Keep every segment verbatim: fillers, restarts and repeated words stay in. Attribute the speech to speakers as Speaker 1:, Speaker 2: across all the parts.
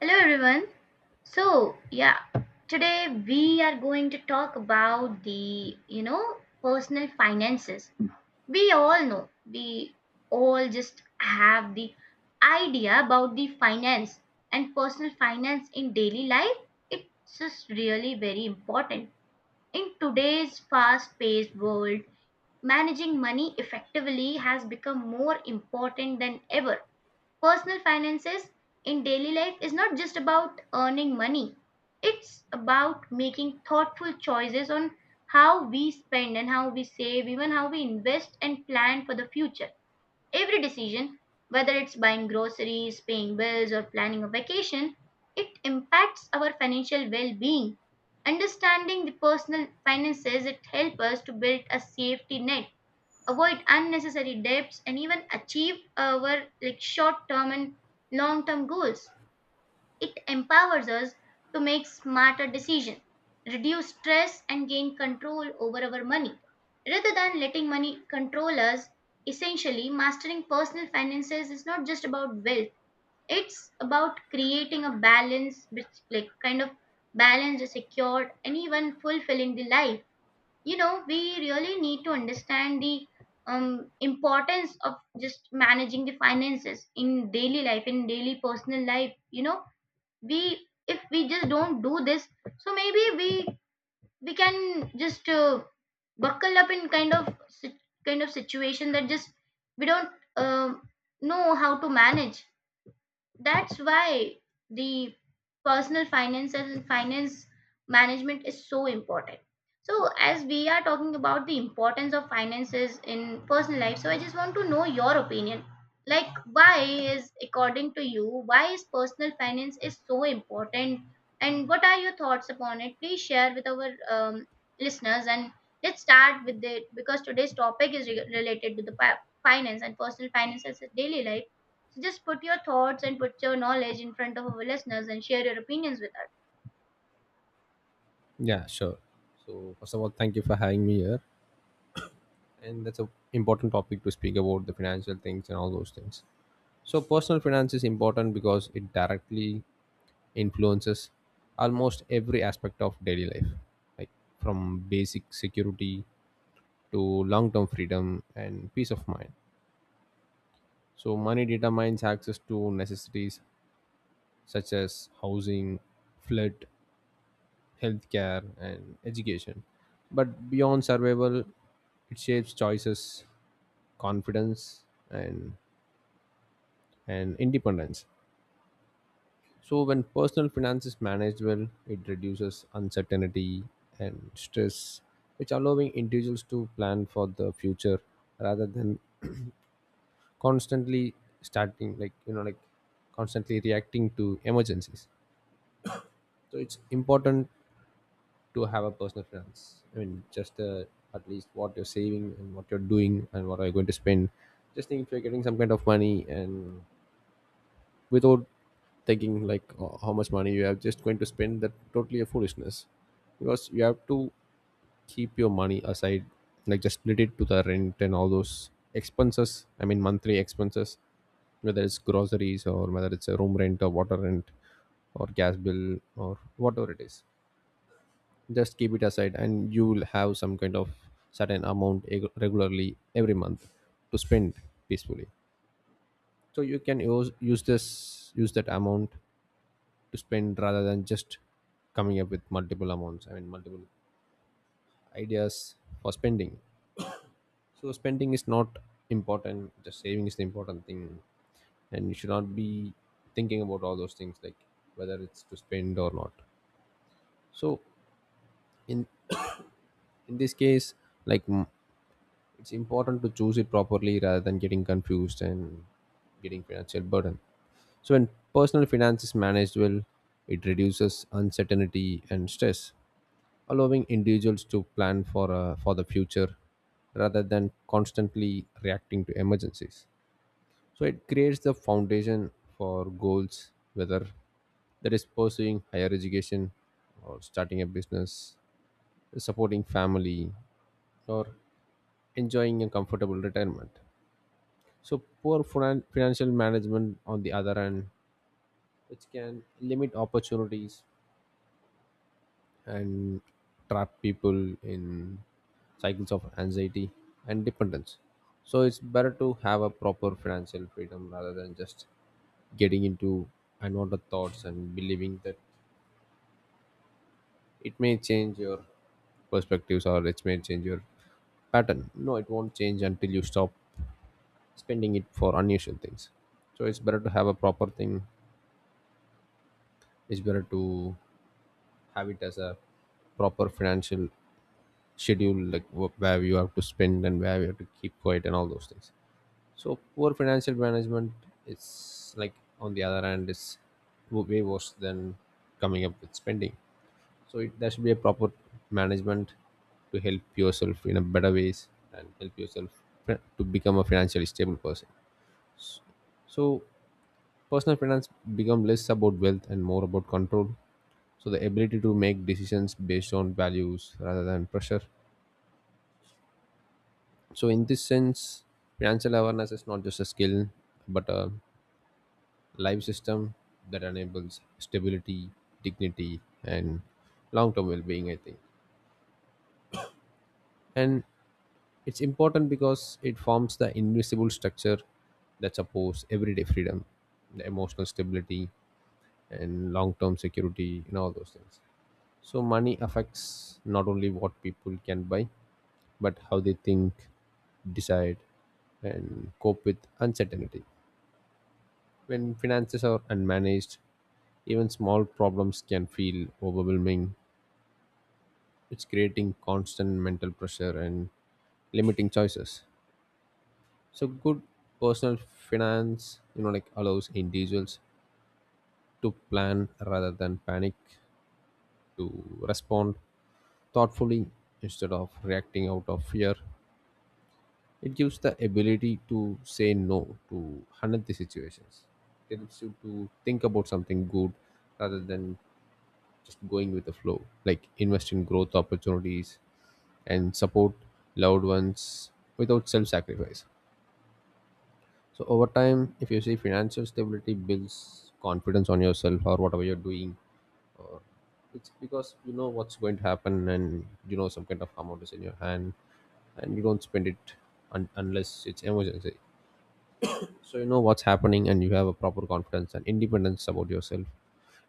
Speaker 1: Hello everyone. So, yeah, today we are going to talk about the, you know, personal finances. We all know, we all just have the idea about the finance and personal finance in daily life. It's just really very important. In today's fast-paced world, managing money effectively has become more important than ever. Personal finances in daily life is not just about earning money, it's about making thoughtful choices on how we spend and how we save, even how we invest and plan for the future. Every decision, whether it's buying groceries, paying bills, or planning a vacation, it impacts our financial well-being. Understanding the personal finances, it helps us to build a safety net, avoid unnecessary debts, and even achieve our like short term and long term goals. It empowers us to make smarter decisions, reduce stress, and gain control over our money rather than letting money control us. Essentially, mastering personal finances is not just about wealth, it's about creating a balance which like kind of balanced, secured, and even fulfilling the life. You know, we really need to understand the um, importance of just managing the finances in daily life, in daily personal life, you know. We if we just don't do this, so maybe we we can just uh, buckle up in kind of sit- kind of situation that just we don't um know how to manage. That's why the personal finance and finance management is so important. So as we are talking about the importance of finances in personal life, so I just want to know your opinion, like why is according to you why is personal finance is so important and what are your thoughts upon it. Please share with our um, listeners, and let's start with it because today's topic is re- related to the pa- finance and personal finances in daily life. So just put your thoughts and put your knowledge in front of our listeners and share your opinions with us.
Speaker 2: Yeah, sure. So first of all, thank you for having me here, and that's an important topic to speak about the financial things and all those things. So personal finance is important because it directly influences almost every aspect of daily life, like from basic security to long-term freedom and peace of mind. So money determines access to necessities such as housing, flood, healthcare, and education. But beyond survival, it shapes choices, confidence, and and independence. So when personal finance is managed well, it reduces uncertainty and stress, which allowing individuals to plan for the future rather than constantly starting like you know like constantly reacting to emergencies. So it's important to have a personal finance, I mean just uh, at least what you're saving and what you're doing and what are you going to spend. Just think if you're getting some kind of money and without thinking like uh, how much money you have, just going to spend, that totally a foolishness, because you have to keep your money aside, like just split it to the rent and all those expenses, I mean monthly expenses, whether it's groceries or whether it's a room rent or water rent or gas bill or whatever it is. Just keep it aside and you will have some kind of certain amount eg- regularly every month to spend peacefully. So you can use, use this use that amount to spend rather than just coming up with multiple amounts, I mean multiple ideas for spending. So spending is not important, just saving is the important thing, and you should not be thinking about all those things, like whether it's to spend or not. So in in this case, like mm, it's important to choose it properly rather than getting confused and getting financial burden. So when personal finance is managed well, it reduces uncertainty and stress, allowing individuals to plan for uh, for the future rather than constantly reacting to emergencies. So it creates the foundation for goals, whether that is pursuing higher education or starting a business, supporting family, or enjoying a comfortable retirement. So poor finan- financial management, on the other hand, which can limit opportunities and trap people in cycles of anxiety and dependence. So it's better to have a proper financial freedom rather than just getting into unwanted thoughts and believing that it may change your perspectives or it may change your pattern. No, it won't change until you stop spending it for unusual things. So it's better to have a proper thing. It's better to have it as a proper financial schedule, like wh- where you have to spend and where you have to keep quiet and all those things. So poor financial management is, like, on the other hand, is w- way worse than coming up with spending. So it, there should be a proper management to help yourself in a better ways and help yourself fi- to become a financially stable person. So personal finance become less about wealth and more about control, so the ability to make decisions based on values rather than pressure. So in this sense, financial awareness is not just a skill, but a life system that enables stability, dignity, and long-term well-being, I think. And it's important because it forms the invisible structure that supports everyday freedom, the emotional stability, and long-term security, and all those things. So money affects not only what people can buy, but how they think, decide, and cope with uncertainty. When finances are unmanaged, even small problems can feel overwhelming. It's creating constant mental pressure and limiting choices. So, good personal finance, you know, like allows individuals to plan rather than panic, to respond thoughtfully instead of reacting out of fear. It gives the ability to say no to unhealthy situations. It helps you to think about something good rather than just going with the flow, like invest in growth opportunities and support loved ones without self sacrifice. So, over time, if you see, financial stability builds confidence on yourself or whatever you're doing, or it's because you know what's going to happen and you know some kind of amount is in your hand and you don't spend it un- unless it's emergency. So, you know what's happening and you have a proper confidence and independence about yourself,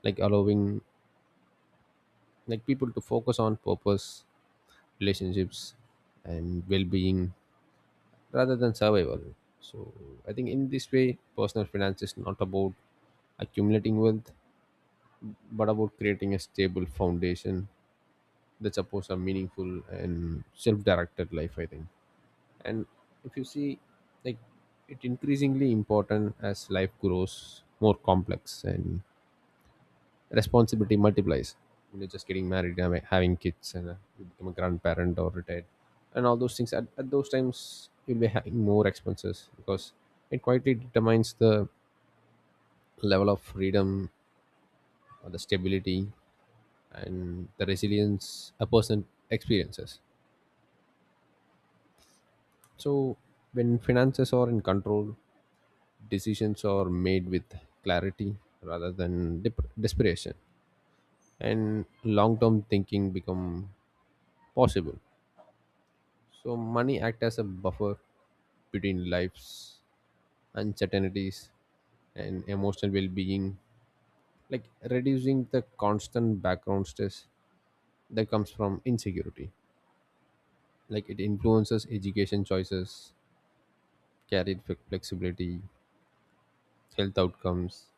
Speaker 2: like allowing like people to focus on purpose, relationships, and well-being rather than survival. So I think in this way, personal finance is not about accumulating wealth, but about creating a stable foundation that supports a meaningful and self-directed life, I think. And if you see, like, it increasingly important as life grows more complex and responsibility multiplies. When you're just getting married and having kids and uh, you become a grandparent or retired and all those things, at, at those times you'll be having more expenses because it quietly determines the level of freedom or the stability and the resilience a person experiences. So when finances are in control, decisions are made with clarity rather than dep- desperation, and long-term thinking become possible. So money act as a buffer between life's uncertainties and emotional well-being, like reducing the constant background stress that comes from insecurity. Like it influences education choices, career fle- flexibility, health outcomes,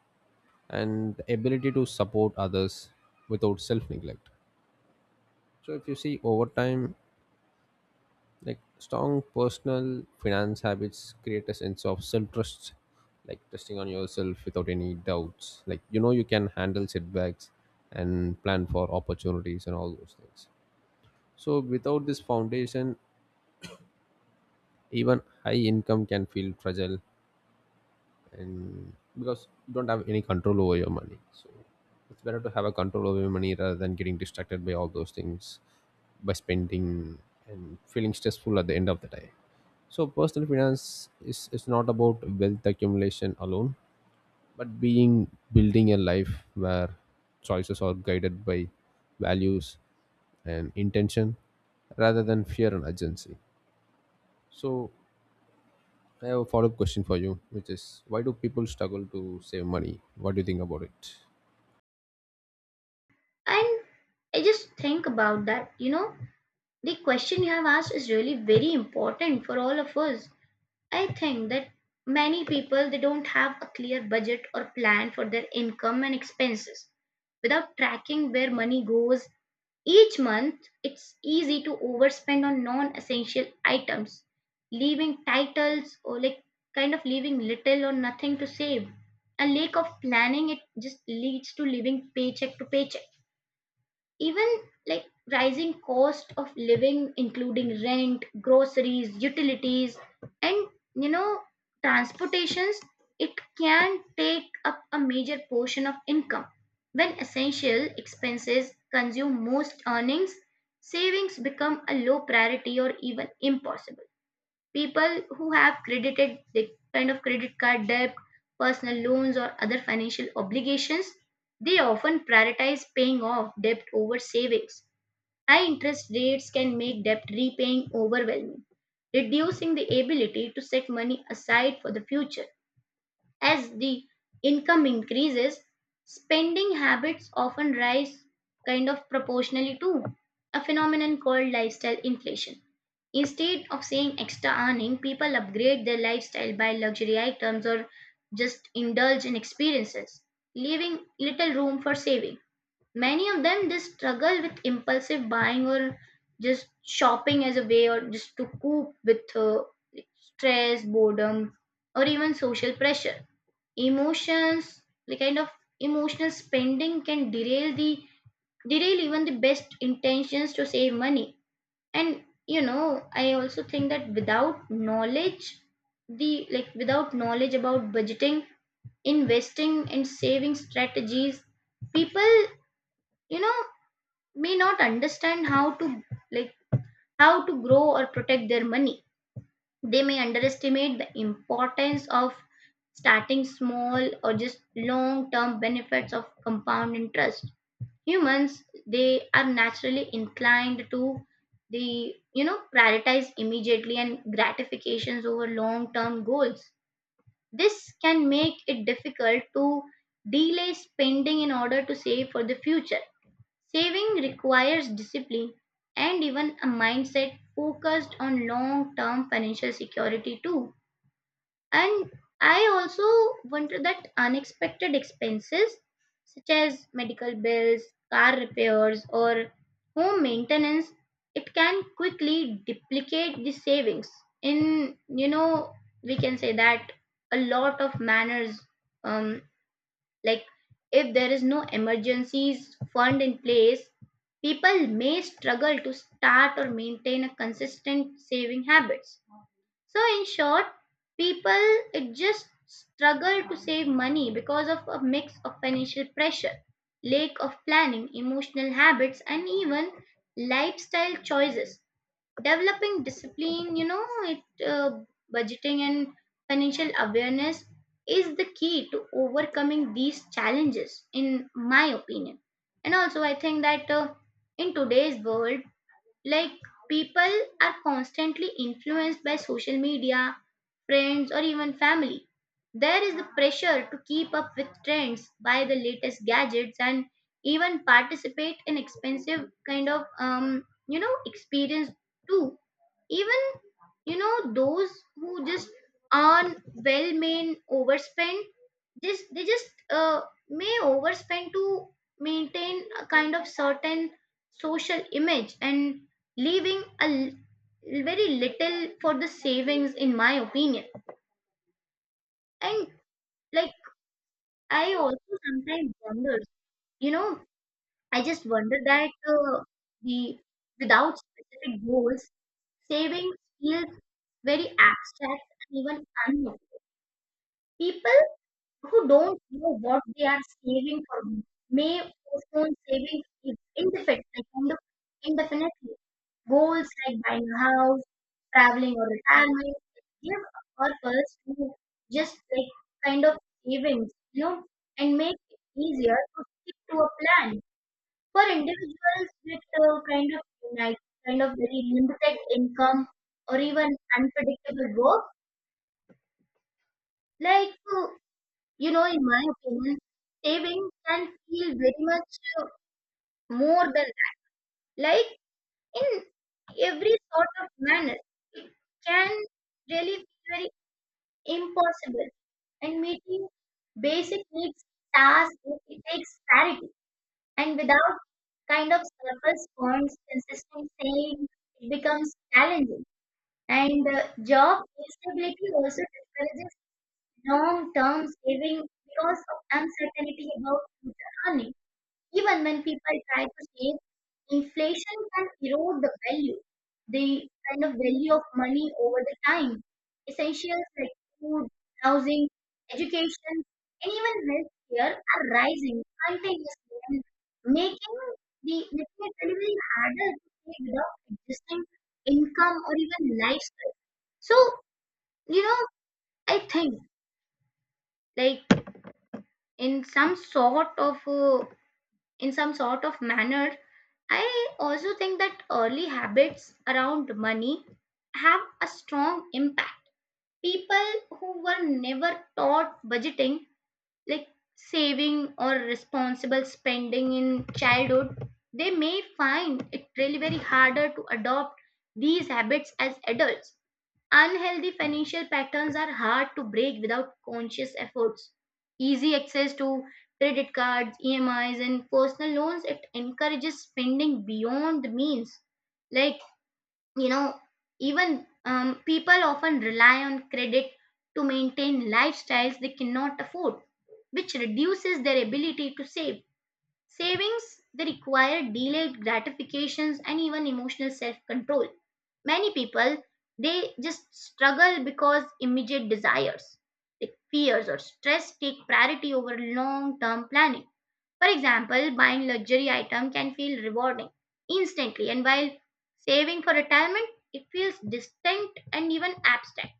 Speaker 2: and the ability to support others without self-neglect. So if you see, over time, like strong personal finance habits create a sense of self-trust, like trusting on yourself without any doubts, like you know you can handle setbacks and plan for opportunities and all those things. So without this foundation, even high income can feel fragile, and because you don't have any control over your money. So it's better to have a control over your money rather than getting distracted by all those things, by spending and feeling stressful at the end of the day. So personal finance is, is not about wealth accumulation alone, but being building a life where choices are guided by values and intention rather than fear and urgency. So I have a follow-up question for you, which is why do people struggle to save money? What do you think about it?
Speaker 1: And I just think about that, you know, the question you have asked is really very important for all of us. I think that many people they don't have a clear budget or plan for their income and expenses. Without tracking where money goes each month, it's easy to overspend on non-essential items, leaving titles or like kind of leaving little or nothing to save. A lack of planning it just leads to living paycheck to paycheck. Even like rising cost of living including rent, groceries, utilities, and you know, transportations, it can take up a major portion of income. When essential expenses consume most earnings, savings become a low priority or even impossible. People who have credited the kind of credit card debt, personal loans, or other financial obligations, they often prioritize paying off debt over savings. High interest rates can make debt repaying overwhelming, reducing the ability to set money aside for the future. As the income increases, spending habits often rise kind of proportionally too, a phenomenon called lifestyle inflation. Instead of saying extra earning, people upgrade their lifestyle by luxury items or just indulge in experiences, leaving little room for saving. Many of them just struggle with impulsive buying or just shopping as a way or just to cope with uh, stress, boredom, or even social pressure, emotions. The kind of emotional spending can derail the derail even the best intentions to save money. And you know, I also think that without knowledge, the like without knowledge about budgeting, investing, and saving strategies, people, you know, may not understand how to, like, how to grow or protect their money. They may underestimate the importance of starting small or just long term benefits of compound interest. Humans, they are naturally inclined to the, you know, prioritize immediately and gratifications over long term goals. This can make it difficult to delay spending in order to save for the future. Saving requires discipline and even a mindset focused on long term financial security, too. And I also wonder that unexpected expenses such as medical bills, car repairs, or home maintenance, it can quickly duplicate the savings. In, you know, we can say that a lot of manners, um, like if there is no emergencies fund in place, people may struggle to start or maintain a consistent saving habits. So, in short, people, it just struggle to save money because of a mix of financial pressure, lack of planning, emotional habits, and even lifestyle choices. Developing discipline, you know, it uh, budgeting and financial awareness is the key to overcoming these challenges, in my opinion. And also, I think that uh, in today's world, like people are constantly influenced by social media, friends, or even family. There is the pressure to keep up with trends, buy the latest gadgets, and even participate in expensive kind of um, you know, experience too. Even you know, those who just earn well may overspend. Just they just uh, may overspend to maintain a kind of certain social image and leaving a l- very little for the savings, in my opinion. And like, I also sometimes wonder, you know, I just wonder that uh, the without specific goals, savings feels very abstract and even unknown. People who don't know what they are saving for may postpone saving if indefinite, like indo- indefinitely. Goals like buying a house, traveling, or retirement give a purpose to just like kind of savings, you know, and make it easier to stick to a plan. For individuals with uh, kind of like kind of very limited income or even unpredictable work, like uh, you know, in my opinion, saving can feel very much uh, more than that. Like in every sort of manner, it can really be very impossible. And meeting basic needs, tasks, it it takes clarity. And without kind of surface funds, consistent saving, it becomes challenging. And uh, job instability also discourages long-term saving because of uncertainty about future earnings. Even when people try to save, inflation can erode the value, the kind of value of money over the time. Essentials like food, housing, education, and even healthcare are rising continuously and making the making it very, very harder to pay without existing income or even lifestyle. So, you know, I think like in some sort of uh, in some sort of manner, I also think that early habits around money have a strong impact. People who were never taught budgeting, like saving or responsible spending in childhood, they may find it really very harder to adopt these habits as adults. Unhealthy financial patterns are hard to break without conscious efforts. Easy access to credit cards, E M Is, and personal loans it encourages spending beyond the means. Like you know, even um, people often rely on credit to maintain lifestyles they cannot afford, which reduces their ability to save. Savings they require delayed gratifications and even emotional self-control. Many people they just struggle because immediate desires, like fears or stress take priority over long-term planning. For example, buying luxury item can feel rewarding instantly, and while saving for retirement it feels distant and even abstract.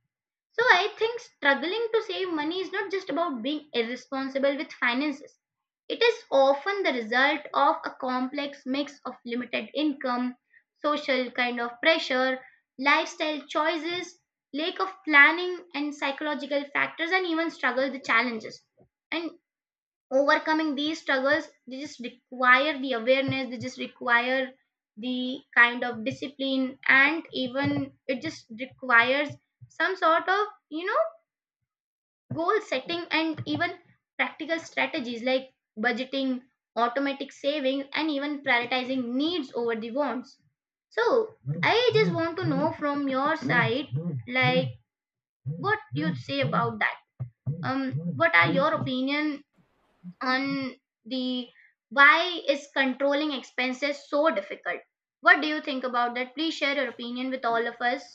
Speaker 1: So I think struggling to save money is not just about being irresponsible with finances. It is often the result of a complex mix of limited income, social kind of pressure, lifestyle choices, lack of planning, and psychological factors, and even struggle the challenges. And overcoming these struggles, they just require the awareness, they just require the kind of discipline, and even it just requires some sort of, you know, goal setting and even practical strategies like budgeting, automatic savings, and even prioritizing needs over the wants. So I just want to know from your side, like what you say about that, um what are your opinion on the why is controlling expenses so difficult. What do you think about that? Please share your opinion with all of us.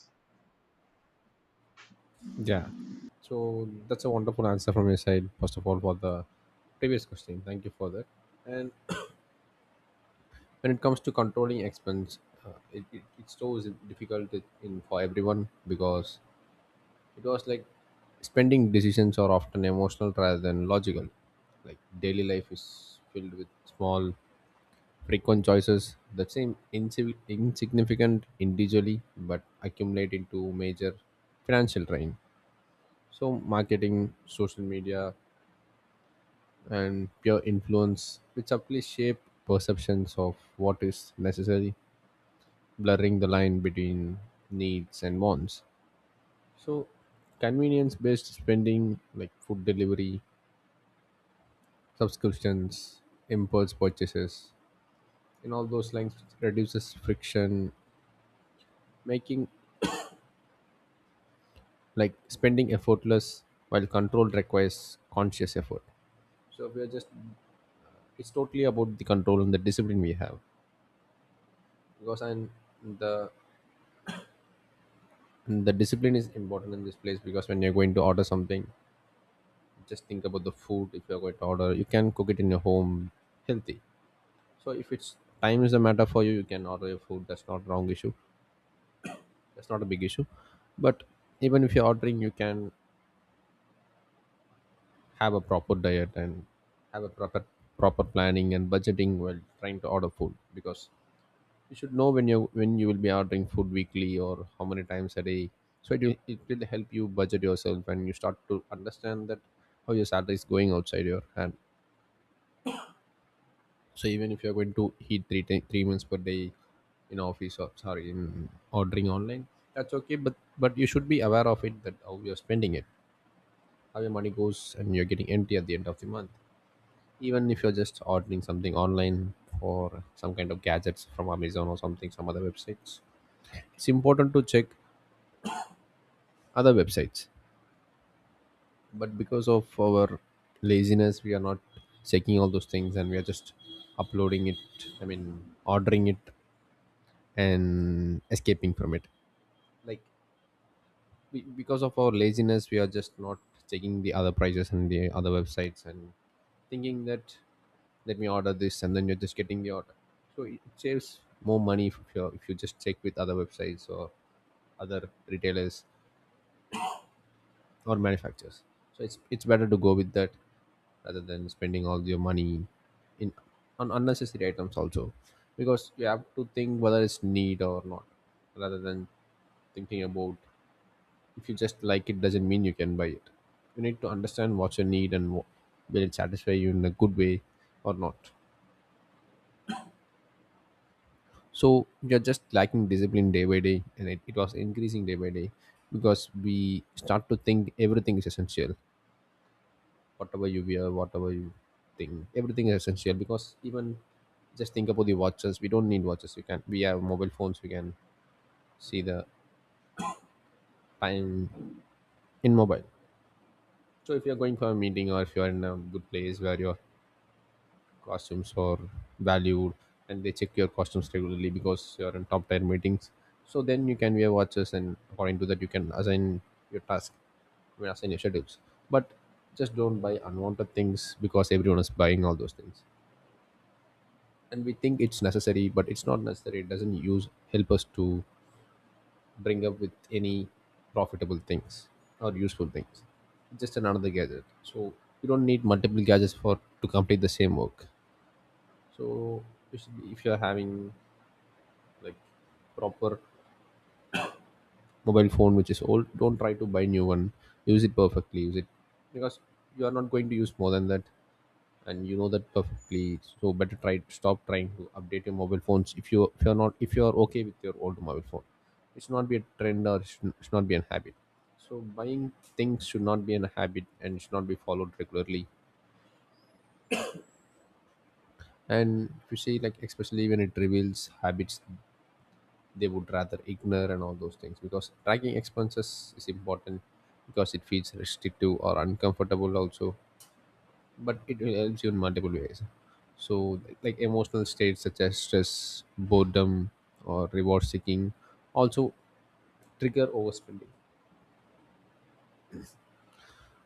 Speaker 2: Yeah. So that's a wonderful answer from your side, first of all, for the previous question. Thank you for that. And when it comes to controlling expense, uh, it, it, it's so is difficult to- in for everyone because it was like spending decisions are often emotional rather than logical. Like daily life is filled with small frequent choices that seem insi- insignificant individually but accumulate into major financial drain. So, marketing, social media, and peer influence, which subtly shape perceptions of what is necessary, blurring the line between needs and wants. So, convenience based spending like food delivery, subscriptions, impulse purchases, and all those lines reduces friction, making like spending effortless while control requires conscious effort. So we are just, it's totally about the control and the discipline we have, because and the and the discipline is important in this place because when you're going to order something, just think about the food. If you're going to order, you can cook it in your home healthy. So if it's time is a matter for you, you can order your food. That's not wrong issue, that's not a big issue. But even if you're ordering, you can have a proper diet and have a proper proper planning and budgeting while trying to order food, because you should know when you when you will be ordering food, weekly or how many times a day. So it will, it will help you budget yourself and you start to understand that how your salary is going outside your hand. So even if you're going to eat three ti- three meals per day in office, or sorry, in ordering online, that's okay, but but you should be aware of it that how you're spending it, how your money goes and you're getting empty at the end of the month. Even if you're just ordering something online for some kind of gadgets from Amazon or something, some other websites, it's important to check other websites, but because of our laziness we are not checking all those things, and we are just uploading it, I mean ordering it and escaping from it. Like be- because of our laziness, we are just not checking the other prices and the other websites and thinking that let me order this, and then you're just getting the order. So it saves more money if you if you just check with other websites or other retailers or manufacturers. So it's it's better to go with that rather than spending all your money in on unnecessary items also, because you have to think whether it's need or not, rather than thinking about, if you just like it doesn't mean you can buy it. You need to understand what's your need and wh- will it satisfy you in a good way or not. So we are just lacking discipline day by day, and it, it was increasing day by day, because we start to think everything is essential. Whatever you wear, whatever you think, everything is essential. Because even just think about the watches, we don't need watches, we can, we have mobile phones, we can see the time in mobile. So if you're going for a meeting, or if you're in a good place where you're costumes are valued and they check your costumes regularly because you're in top tier meetings, so then you can wear watches, and according to that you can assign your task, I mean, assign your schedules. But just don't buy unwanted things because everyone is buying all those things and we think it's necessary, but it's not necessary. It doesn't use help us to bring up with any profitable things or useful things. It's just another gadget. So you don't need multiple gadgets for to complete the same work. So you should be- if you're having, like, proper mobile phone which is old, don't try to buy new one. Use it perfectly, use it, because you are not going to use more than that, and you know that perfectly. So better try stop trying to update your mobile phones if you if you're not, if you're okay with your old mobile phone. It should not be a trend, or it should, should not be a habit. So buying things should not be a habit and should not be followed regularly. And if you see, like, especially when it reveals habits, they would rather ignore and all those things, because tracking expenses is important. Because it feels restrictive or uncomfortable also, but it will helps you in multiple ways. So, like, emotional states such as stress, boredom, or reward seeking also trigger overspending,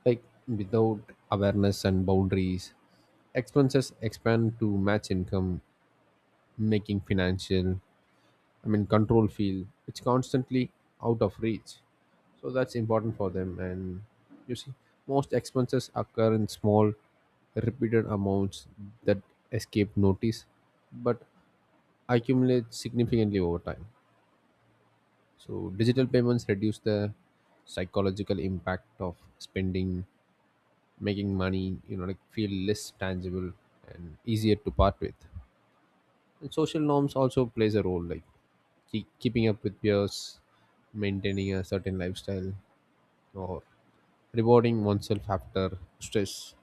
Speaker 2: like, without awareness and boundaries, expenses expand to match income, making financial, I mean, control feel it's constantly out of reach. So that's important for them. And you see, most expenses occur in small, repeated amounts that escape notice, but accumulate significantly over time. So digital payments reduce the psychological impact of spending, making money, you know, like feel less tangible and easier to part with. And social norms also plays a role, like keep, keeping up with peers, maintaining a certain lifestyle, or rewarding oneself after stress,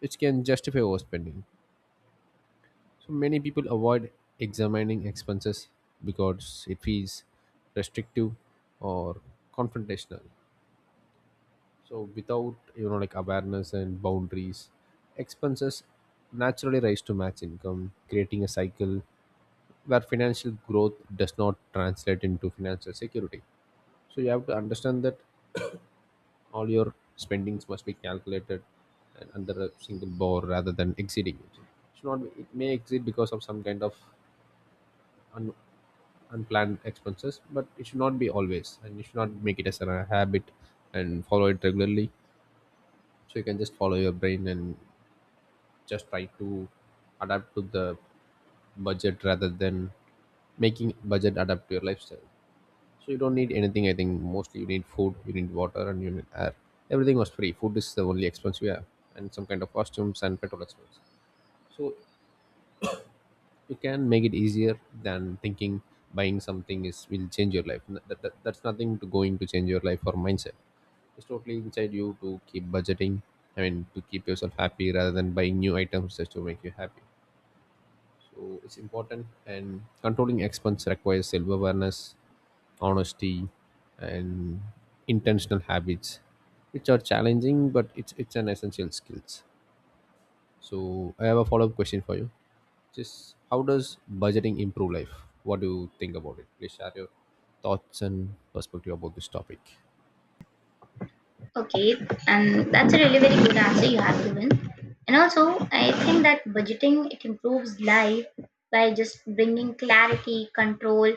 Speaker 2: which can justify overspending. So many people avoid examining expenses because it feels restrictive or confrontational. So without, you know like, awareness and boundaries, expenses naturally rise to match income, creating a cycle where financial growth does not translate into financial security. So you have to understand that all your spendings must be calculated and under a single bar rather than exceeding it. Should not be, it may exceed because of some kind of un, unplanned expenses, but it should not be always, and you should not make it as a habit and follow it regularly. So you can just follow your brain and just try to adapt to the budget rather than making budget adapt to your lifestyle. So you don't need anything. I think mostly you need food, you need water, and you need air. Everything was free. Food is the only expense we have, and some kind of costumes and petrol expense. So you can make it easier than thinking buying something is will change your life. N- That, that, that's nothing to going to change your life or mindset. It's totally inside you to keep budgeting. I mean, to keep yourself happy rather than buying new items just to make you happy. So it's important, and controlling expense requires self awareness, honesty, and intentional habits, which are challenging, but it's it's an essential skills. So I have a follow-up question for you. Just how does budgeting improve life? What do you think about it? Please share your thoughts and perspective about this topic.
Speaker 1: Okay, and that's a really very good answer you have given. And also I think that budgeting it improves life by just bringing clarity, control,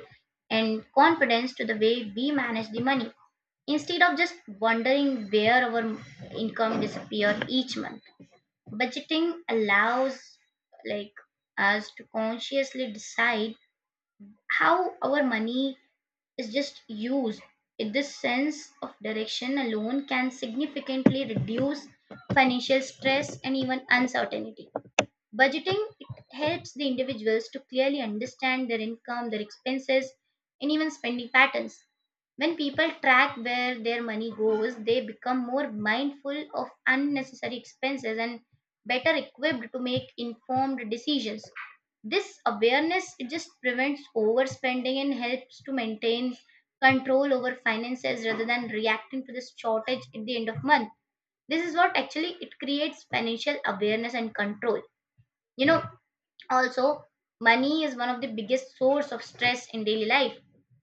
Speaker 1: and confidence to the way we manage the money. Instead of just wondering where our income disappear each month, budgeting allows like us to consciously decide how our money is just used. In this sense of direction alone can significantly reduce financial stress and even uncertainty. Budgeting it helps the individuals to clearly understand their income, their expenses, and even spending patterns. When people track where their money goes, they become more mindful of unnecessary expenses and better equipped to make informed decisions. This awareness it just prevents overspending and helps to maintain control over finances rather than reacting to this shortage at the end of month. This is what actually it creates financial awareness and control, you know. Also, money is one of the biggest source of stress in daily life.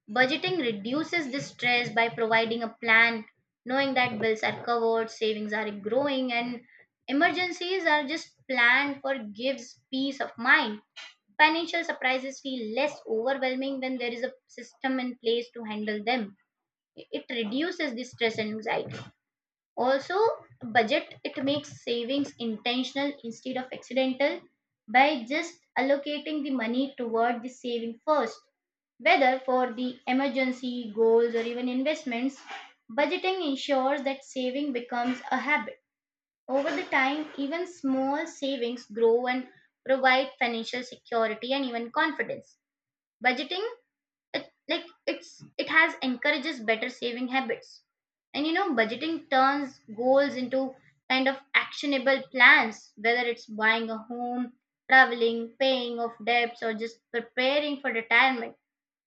Speaker 1: Budgeting reduces this stress by providing a plan, knowing that bills are covered, savings are growing, and emergencies are just planned for gives peace of mind. Financial surprises feel less overwhelming when there is a system in place to handle them. It reduces the stress and anxiety. Also, budget it makes savings intentional instead of accidental by just allocating the money toward the saving first, whether for the emergency goals or even investments. Budgeting ensures that saving becomes a habit. Over the time, even small savings grow and provide financial security and even confidence. Budgeting it like it's it has encourages better saving habits. And you know, budgeting turns goals into kind of actionable plans, whether it's buying a home, traveling, paying off debts, or just preparing for retirement.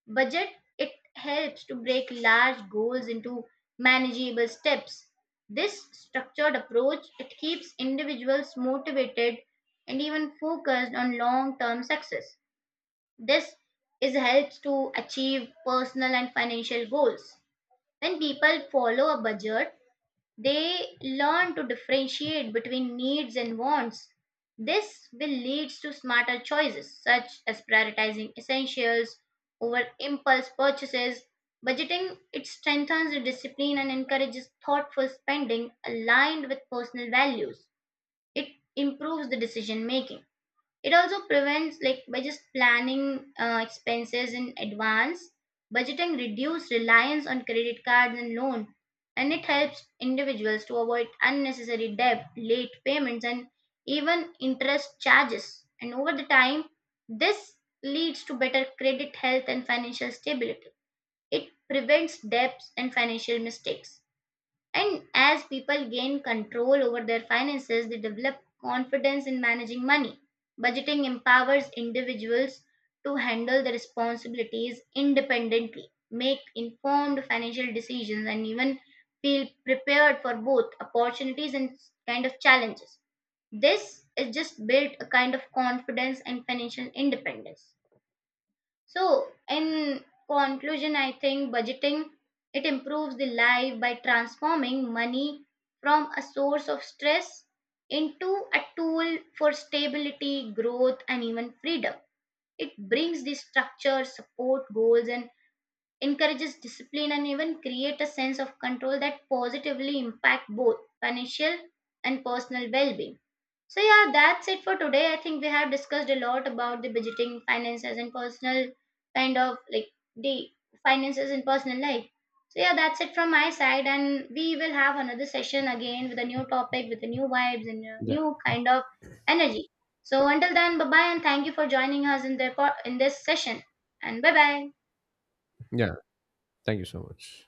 Speaker 1: Budget it helps to break large goals into manageable steps. This structured approach it keeps individuals motivated and even focused on long term success. This is helps to achieve personal and financial goals. When people follow a budget, they learn to differentiate between needs and wants. This will lead to smarter choices such as prioritizing essentials over impulse purchases. Budgeting it strengthens the discipline and encourages thoughtful spending aligned with personal values. It improves the decision making. It also prevents, like, by just planning uh, expenses in advance, budgeting reduce reliance on credit cards and loan, and it helps individuals to avoid unnecessary debt, late payments, and even interest charges. And over the time, this leads to better credit health and financial stability. It prevents debts and financial mistakes. And as people gain control over their finances, they develop confidence in managing money. Budgeting empowers individuals to handle their responsibilities independently, make informed financial decisions, and even feel prepared for both opportunities and kind of challenges. This is just built a kind of confidence and financial independence. So, in conclusion, I think budgeting it improves the life by transforming money from a source of stress into a tool for stability, growth, and even freedom. It brings the structure, support goals, and encourages discipline, and even create a sense of control that positively impact both financial and personal well-being. So yeah, that's it for today. I think we have discussed a lot about the budgeting, finances, and personal kind of like the finances in personal life. So yeah, that's it from my side, and we will have another session again with a new topic, with the new vibes and a
Speaker 2: Yeah,
Speaker 1: new kind of energy. So until then, bye bye, and thank you for joining us in the po- in this session. And bye bye.
Speaker 2: yeah, thank you so much.